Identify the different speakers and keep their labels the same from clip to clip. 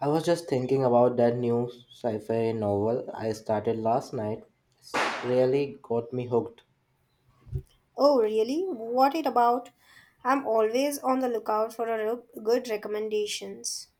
Speaker 1: I was just thinking about that new sci-fi novel I started last night. It's really got me hooked.
Speaker 2: Oh, really? What it about? I'm always on the lookout for a good recommendations.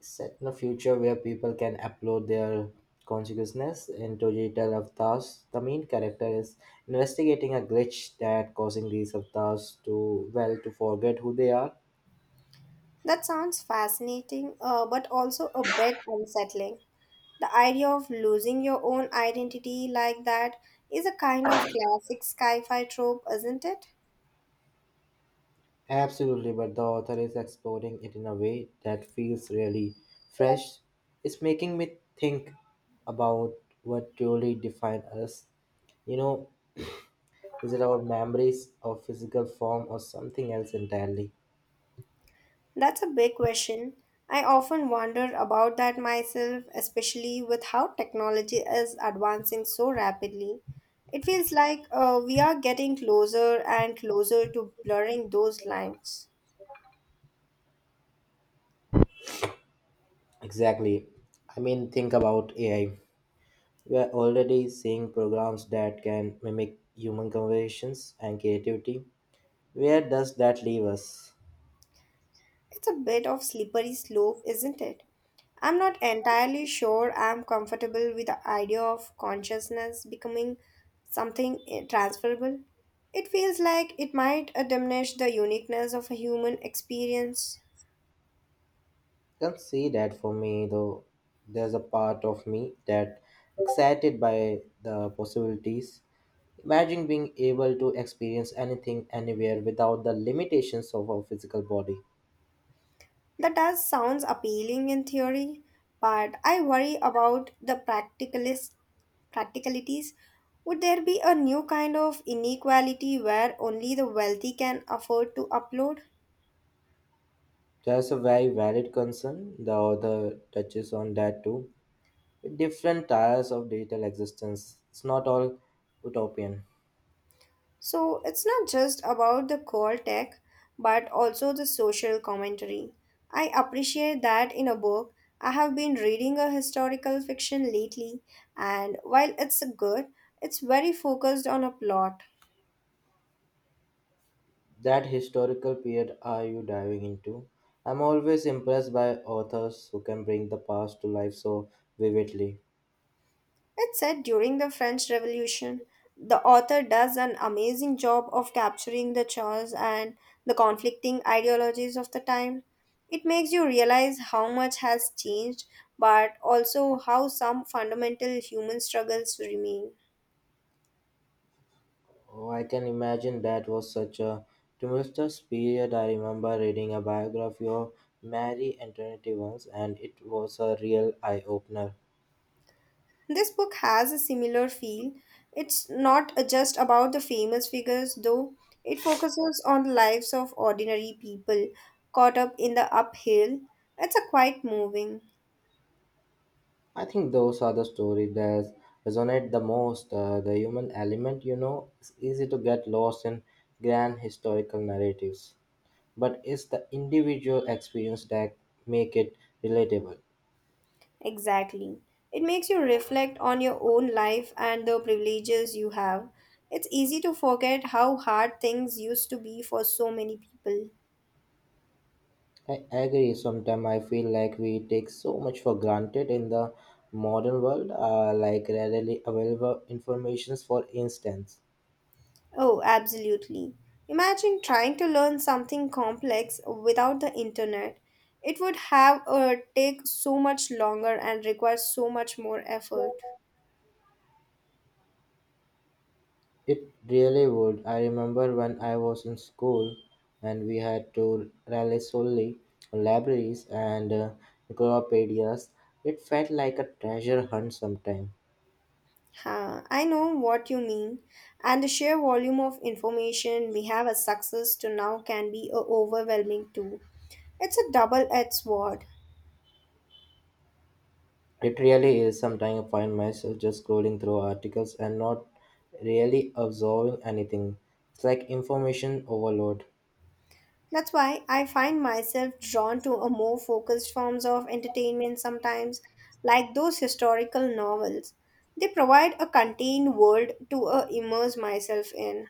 Speaker 1: Set in a future where people can upload their consciousness into digital avatars, the main character is investigating a glitch that causing these avatars to forget who they are.
Speaker 2: That sounds fascinating, but also a bit unsettling. The idea of losing your own identity like that is a kind of classic sci-fi trope, isn't it?
Speaker 1: Absolutely, but the author is exploring it in a way that feels really fresh. It's making me think about what truly defines us you know Is it our memories of physical form or something else entirely?
Speaker 2: That's a big question. I often wonder about that myself, especially with how technology is advancing so rapidly. It feels like we are getting closer and closer to blurring those lines.
Speaker 1: Exactly. I mean, think about AI. We are already seeing programs that can mimic human conversations and creativity. Where does that leave us?
Speaker 2: It's a bit of slippery slope, isn't it? I'm not entirely sure I'm comfortable with the idea of consciousness becoming something transferable. It feels like it might diminish the uniqueness of a human experience.
Speaker 1: Can't see that for me, though. There's a part of me that excited by the possibilities. Imagine being able to experience anything anywhere without the limitations of our physical body.
Speaker 2: That does sounds appealing in theory, but I worry about the practicalist practicalities. Would there be a new kind of inequality where only the wealthy can afford to upload?
Speaker 1: That's a very valid concern. The author touches on that too, with different tiers of digital existence. It's not all utopian.
Speaker 2: So it's not just about the core tech, but also the social commentary. I appreciate that in a book. I have been reading a historical fiction lately, and while it's good, it's very focused on a plot.
Speaker 1: That historical period are you diving into? I'm always impressed by authors who can bring the past to life so vividly.
Speaker 2: It's set during the French Revolution. The author does an amazing job of capturing the chaos and the conflicting ideologies of the time. It makes you realize how much has changed, but also how some fundamental human struggles remain.
Speaker 1: Oh, I can imagine that was such a tumultuous period. I remember reading a biography of Mary Antoinette once, and it was a real eye opener.
Speaker 2: This book has a similar feel. It's not just about the famous figures, though, it focuses on the lives of ordinary people caught up in the uphill. It's a quite moving.
Speaker 1: I think those are the stories that resonate the most. The human element, you know, it's easy to get lost in grand historical narratives, but it's the individual experience that make it relatable.
Speaker 2: Exactly. It makes you reflect on your own life and the privileges you have. It's easy to forget how hard things used to be for so many people.
Speaker 1: I agree. Sometimes I feel like we take so much for granted in the modern world, like readily available informations, for instance.
Speaker 2: Oh, absolutely. Imagine trying to learn something complex without the internet. It would have take so much longer and require so much more effort.
Speaker 1: It really would. I remember when I was in school and we had to rely solely on libraries and encyclopedias. It felt like a treasure hunt sometimes.
Speaker 2: Huh, I know what you mean. And the sheer volume of information we have as success to now can be overwhelming too. It's a double edged sword.
Speaker 1: It really is. Sometimes I find myself just scrolling through articles and not really absorbing anything. It's like information overload.
Speaker 2: That's why I find myself drawn to a more focused forms of entertainment sometimes, like those historical novels. They provide a contained world to immerse myself in.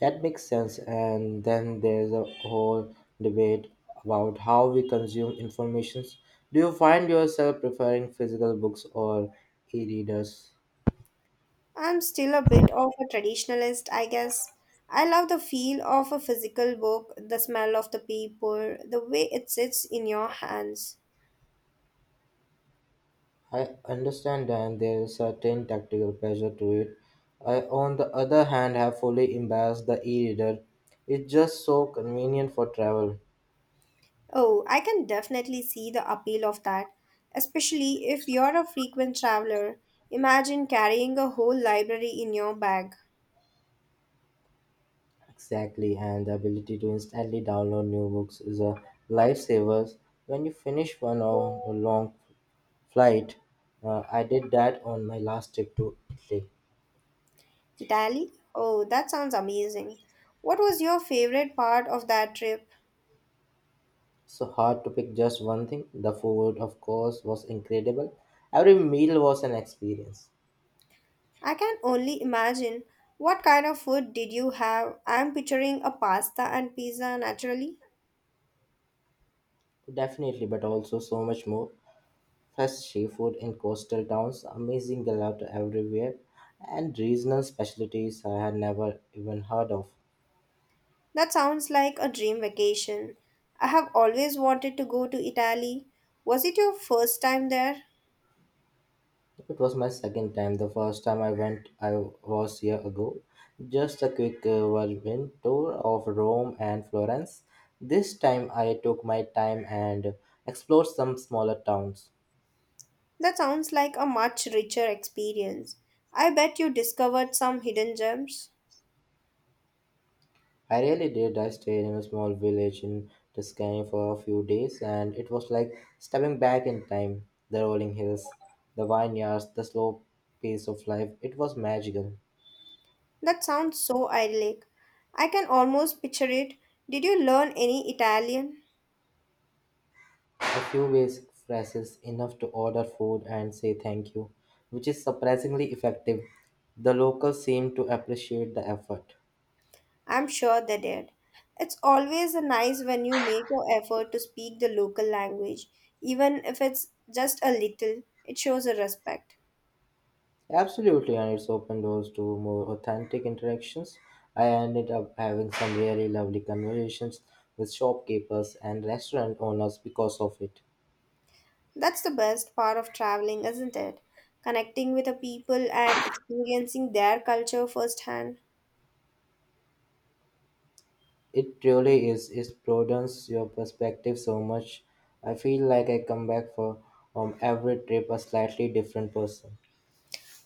Speaker 1: That makes sense. And then there's a whole debate about how we consume information. Do you find yourself preferring physical books or e readers?
Speaker 2: I'm still a bit of a traditionalist, I guess. I love the feel of a physical book, the smell of the paper, the way it sits in your hands.
Speaker 1: I understand that there is certain tactical pleasure to it. I, on the other hand, have fully embraced the e reader. It's just so convenient for travel.
Speaker 2: Oh, I can definitely see the appeal of that, especially if you're a frequent traveler. Imagine carrying a whole library in your bag.
Speaker 1: Exactly, and the ability to instantly download new books is a lifesaver. When you finish one or a long flight, I did that on my last trip to Italy.
Speaker 2: Italy? Oh, that sounds amazing. What was your favorite part of that trip?
Speaker 1: So hard to pick just one thing. The food, of course, was incredible. Every meal was an experience,
Speaker 2: I can only imagine. What kind of food did you have? I'm picturing a pasta and pizza naturally.
Speaker 1: definitely, but also so much more. Fresh seafood in coastal towns, amazing gelato everywhere, and regional specialties I had never even heard of.
Speaker 2: That sounds like a dream vacation. I have always wanted to go to Italy. Was it your first time there?
Speaker 1: It was my second time. The first time I went, I was year ago. Just a quick whirlwind tour of Rome and Florence. This time I took my time and explored some smaller towns.
Speaker 2: That sounds like a much richer experience. I bet you discovered some hidden gems.
Speaker 1: I really did. I stayed in a small village in Tuscany for a few days, and it was like stepping back in time. The rolling hills, the vineyards, the slow pace of life. It was magical.
Speaker 2: That sounds so idyllic. I can almost picture it. Did you learn any Italian?
Speaker 1: A few basic phrases enough to order food and say thank you, which is surprisingly effective. The locals seem to appreciate the effort.
Speaker 2: I'm sure they did. It's always nice when you make an effort to speak the local language, even if it's just a little. It shows a respect.
Speaker 1: Absolutely, and it's opened doors to more authentic interactions. I ended up having some really lovely conversations with shopkeepers and restaurant owners because of it.
Speaker 2: That's the best part of traveling, isn't it? Connecting with the people and experiencing their culture firsthand.
Speaker 1: It really is, it broadens your perspective so much. I feel like I come back for every trip a slightly different person.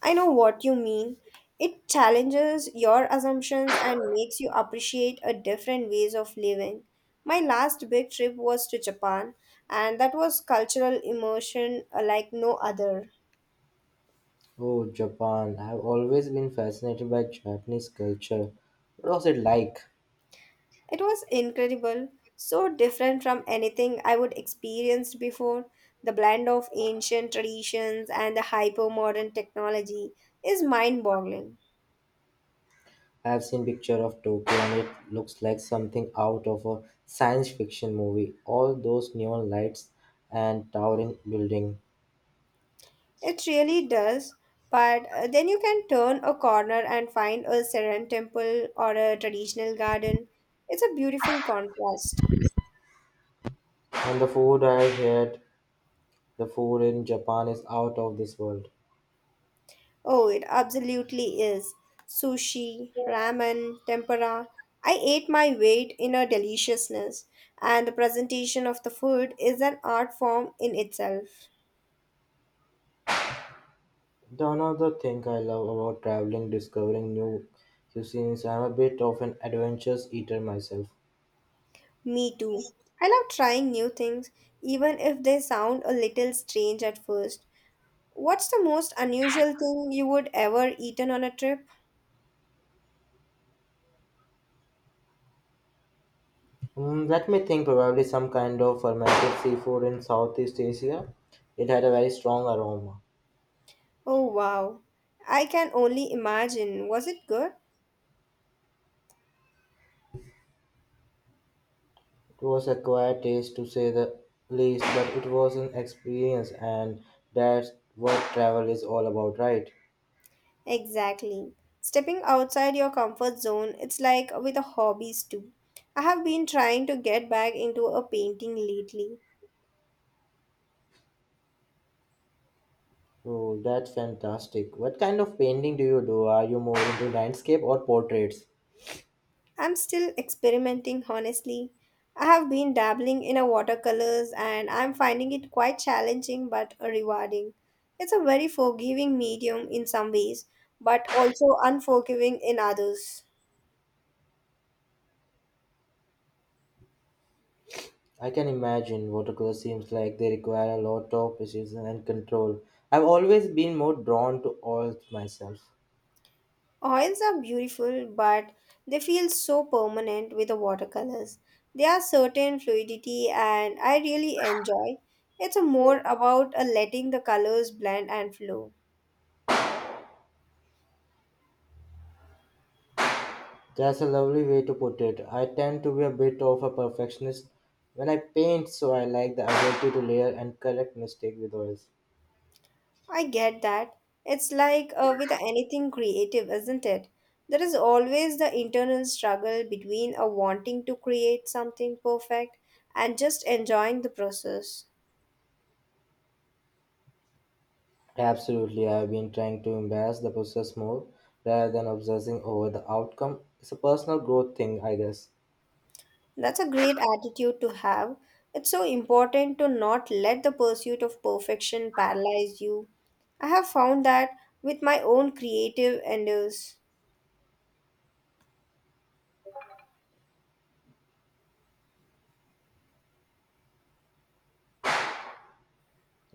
Speaker 2: I know what you mean. It challenges your assumptions and makes you appreciate a different ways of living. My last big trip was to Japan and that was cultural immersion like no other.
Speaker 1: Oh, Japan. I've always been fascinated by Japanese culture. What was it like?
Speaker 2: It was incredible, so different from anything I would experienced before. The blend of ancient traditions and the hyper modern technology is mind boggling.
Speaker 1: I've seen picture of Tokyo and it looks like something out of a science fiction movie. All those neon lights and towering building.
Speaker 2: It really does. But then you can turn a corner and find a Seren temple or a traditional garden. It's a beautiful contrast.
Speaker 1: And the food I heard, the food in Japan is out of this world.
Speaker 2: Oh, it absolutely is. Sushi, ramen, tempura. I ate my weight in a deliciousness, and the presentation of the food is an art form in itself.
Speaker 1: The another thing I love about traveling, discovering new cuisines. I'm a bit of an adventurous eater myself.
Speaker 2: Me too. I love trying new things, even if they sound a little strange at first. What's the most unusual thing you would ever eaten on a trip?
Speaker 1: Let me think, probably some kind of fermented seafood in Southeast Asia. It had a very strong aroma.
Speaker 2: Oh wow. I can only imagine. Was it good?
Speaker 1: It was a quiet taste to say the least, but it was an experience, and that's what travel is all about, right?
Speaker 2: Exactly. Stepping outside your comfort zone, it's like with the hobbies too. I have been trying to get back into a painting lately.
Speaker 1: Oh, that's fantastic. What kind of painting do you do? Are you more into landscape or portraits?
Speaker 2: I'm still experimenting, honestly. I have been dabbling in a watercolors and I'm finding it quite challenging but rewarding. It's a very forgiving medium in some ways, but also unforgiving in others.
Speaker 1: I can imagine watercolor seems like they require a lot of precision and control. I've always been more drawn to oils myself.
Speaker 2: Oils are beautiful, but they feel so permanent with the watercolors. There are certain fluidity and I really enjoy. It's a more about a letting the colors blend and flow.
Speaker 1: That's a lovely way to put it. I tend to be a bit of a perfectionist when I paint, so I like the ability to layer and correct mistake with oils.
Speaker 2: I get that. It's like with anything creative, isn't it? There is always the internal struggle between a wanting to create something perfect and just enjoying the process.
Speaker 1: Absolutely, I've been trying to embrace the process more rather than obsessing over the outcome. It's a personal growth thing, I guess.
Speaker 2: That's a great attitude to have. It's so important to not let the pursuit of perfection paralyze you. I have found that with my own creative endeavors.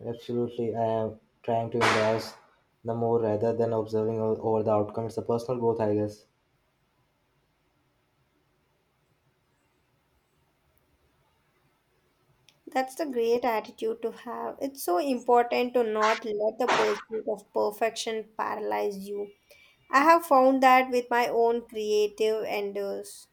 Speaker 1: Absolutely, I am trying to embrace the more rather than over the outcome. It's a personal growth, I guess.
Speaker 2: That's the great attitude to have. It's so important to not let the pursuit of perfection paralyze you. I have found that with my own creative endeavors.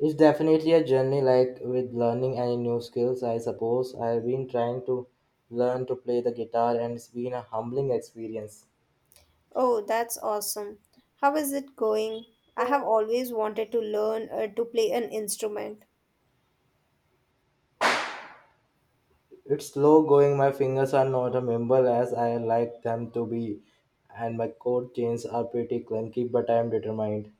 Speaker 1: It's definitely a journey like with learning any new skills, I suppose. I've been trying to learn to play the guitar and it's been a humbling experience.
Speaker 2: Oh, that's awesome. How is it going? I have always wanted to learn to play an instrument.
Speaker 1: It's slow going, my fingers are not as nimble as I like them to be, and my chord chains are pretty clunky, but I am determined.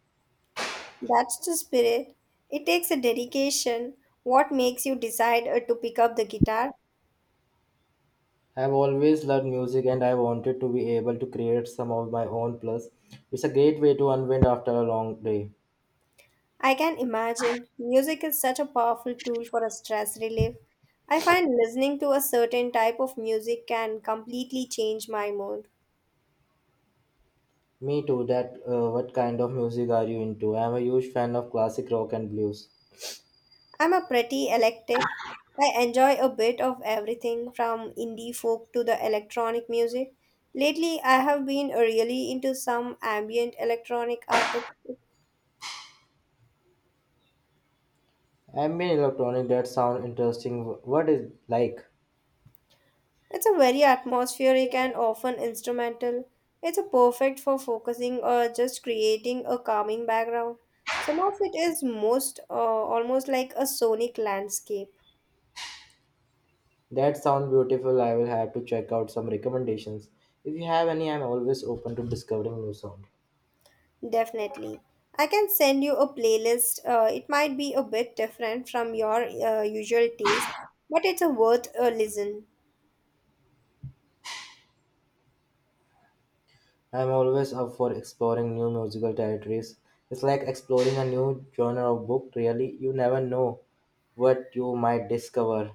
Speaker 2: That's the spirit. It takes a dedication. What makes you decide to pick up the guitar?
Speaker 1: I've always loved music and I wanted to be able to create some of my own plus. It's a great way to unwind after a long day.
Speaker 2: I can imagine. Music is such a powerful tool for a stress relief. I find listening to a certain type of music can completely change my mood.
Speaker 1: Me too, that What kind of music are you into? I'm a huge fan of classic rock and blues.
Speaker 2: I'm a pretty eclectic. I enjoy a bit of everything from indie folk to the electronic music. Lately, I have been really into some ambient electronic artists.
Speaker 1: Ambient electronic, that sound interesting. What is like?
Speaker 2: It's a very atmospheric and often instrumental. It's a perfect for focusing or just creating a calming background. Some of it is most almost like a sonic landscape.
Speaker 1: That sound beautiful. I will have to check out some recommendations. If you have any, I'm always open to discovering new sound.
Speaker 2: Definitely. I can send you a playlist. It might be a bit different from your usual taste, but it's a worth a listen.
Speaker 1: I'm always up for exploring new musical territories. It's like exploring a new genre of book. Really, you never know what you might discover.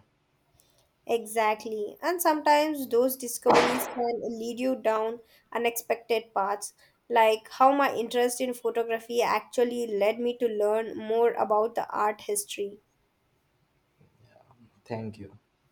Speaker 2: Exactly. And sometimes those discoveries can lead you down unexpected paths, like how my interest in photography actually led me to learn more about the art history.
Speaker 1: Thank you.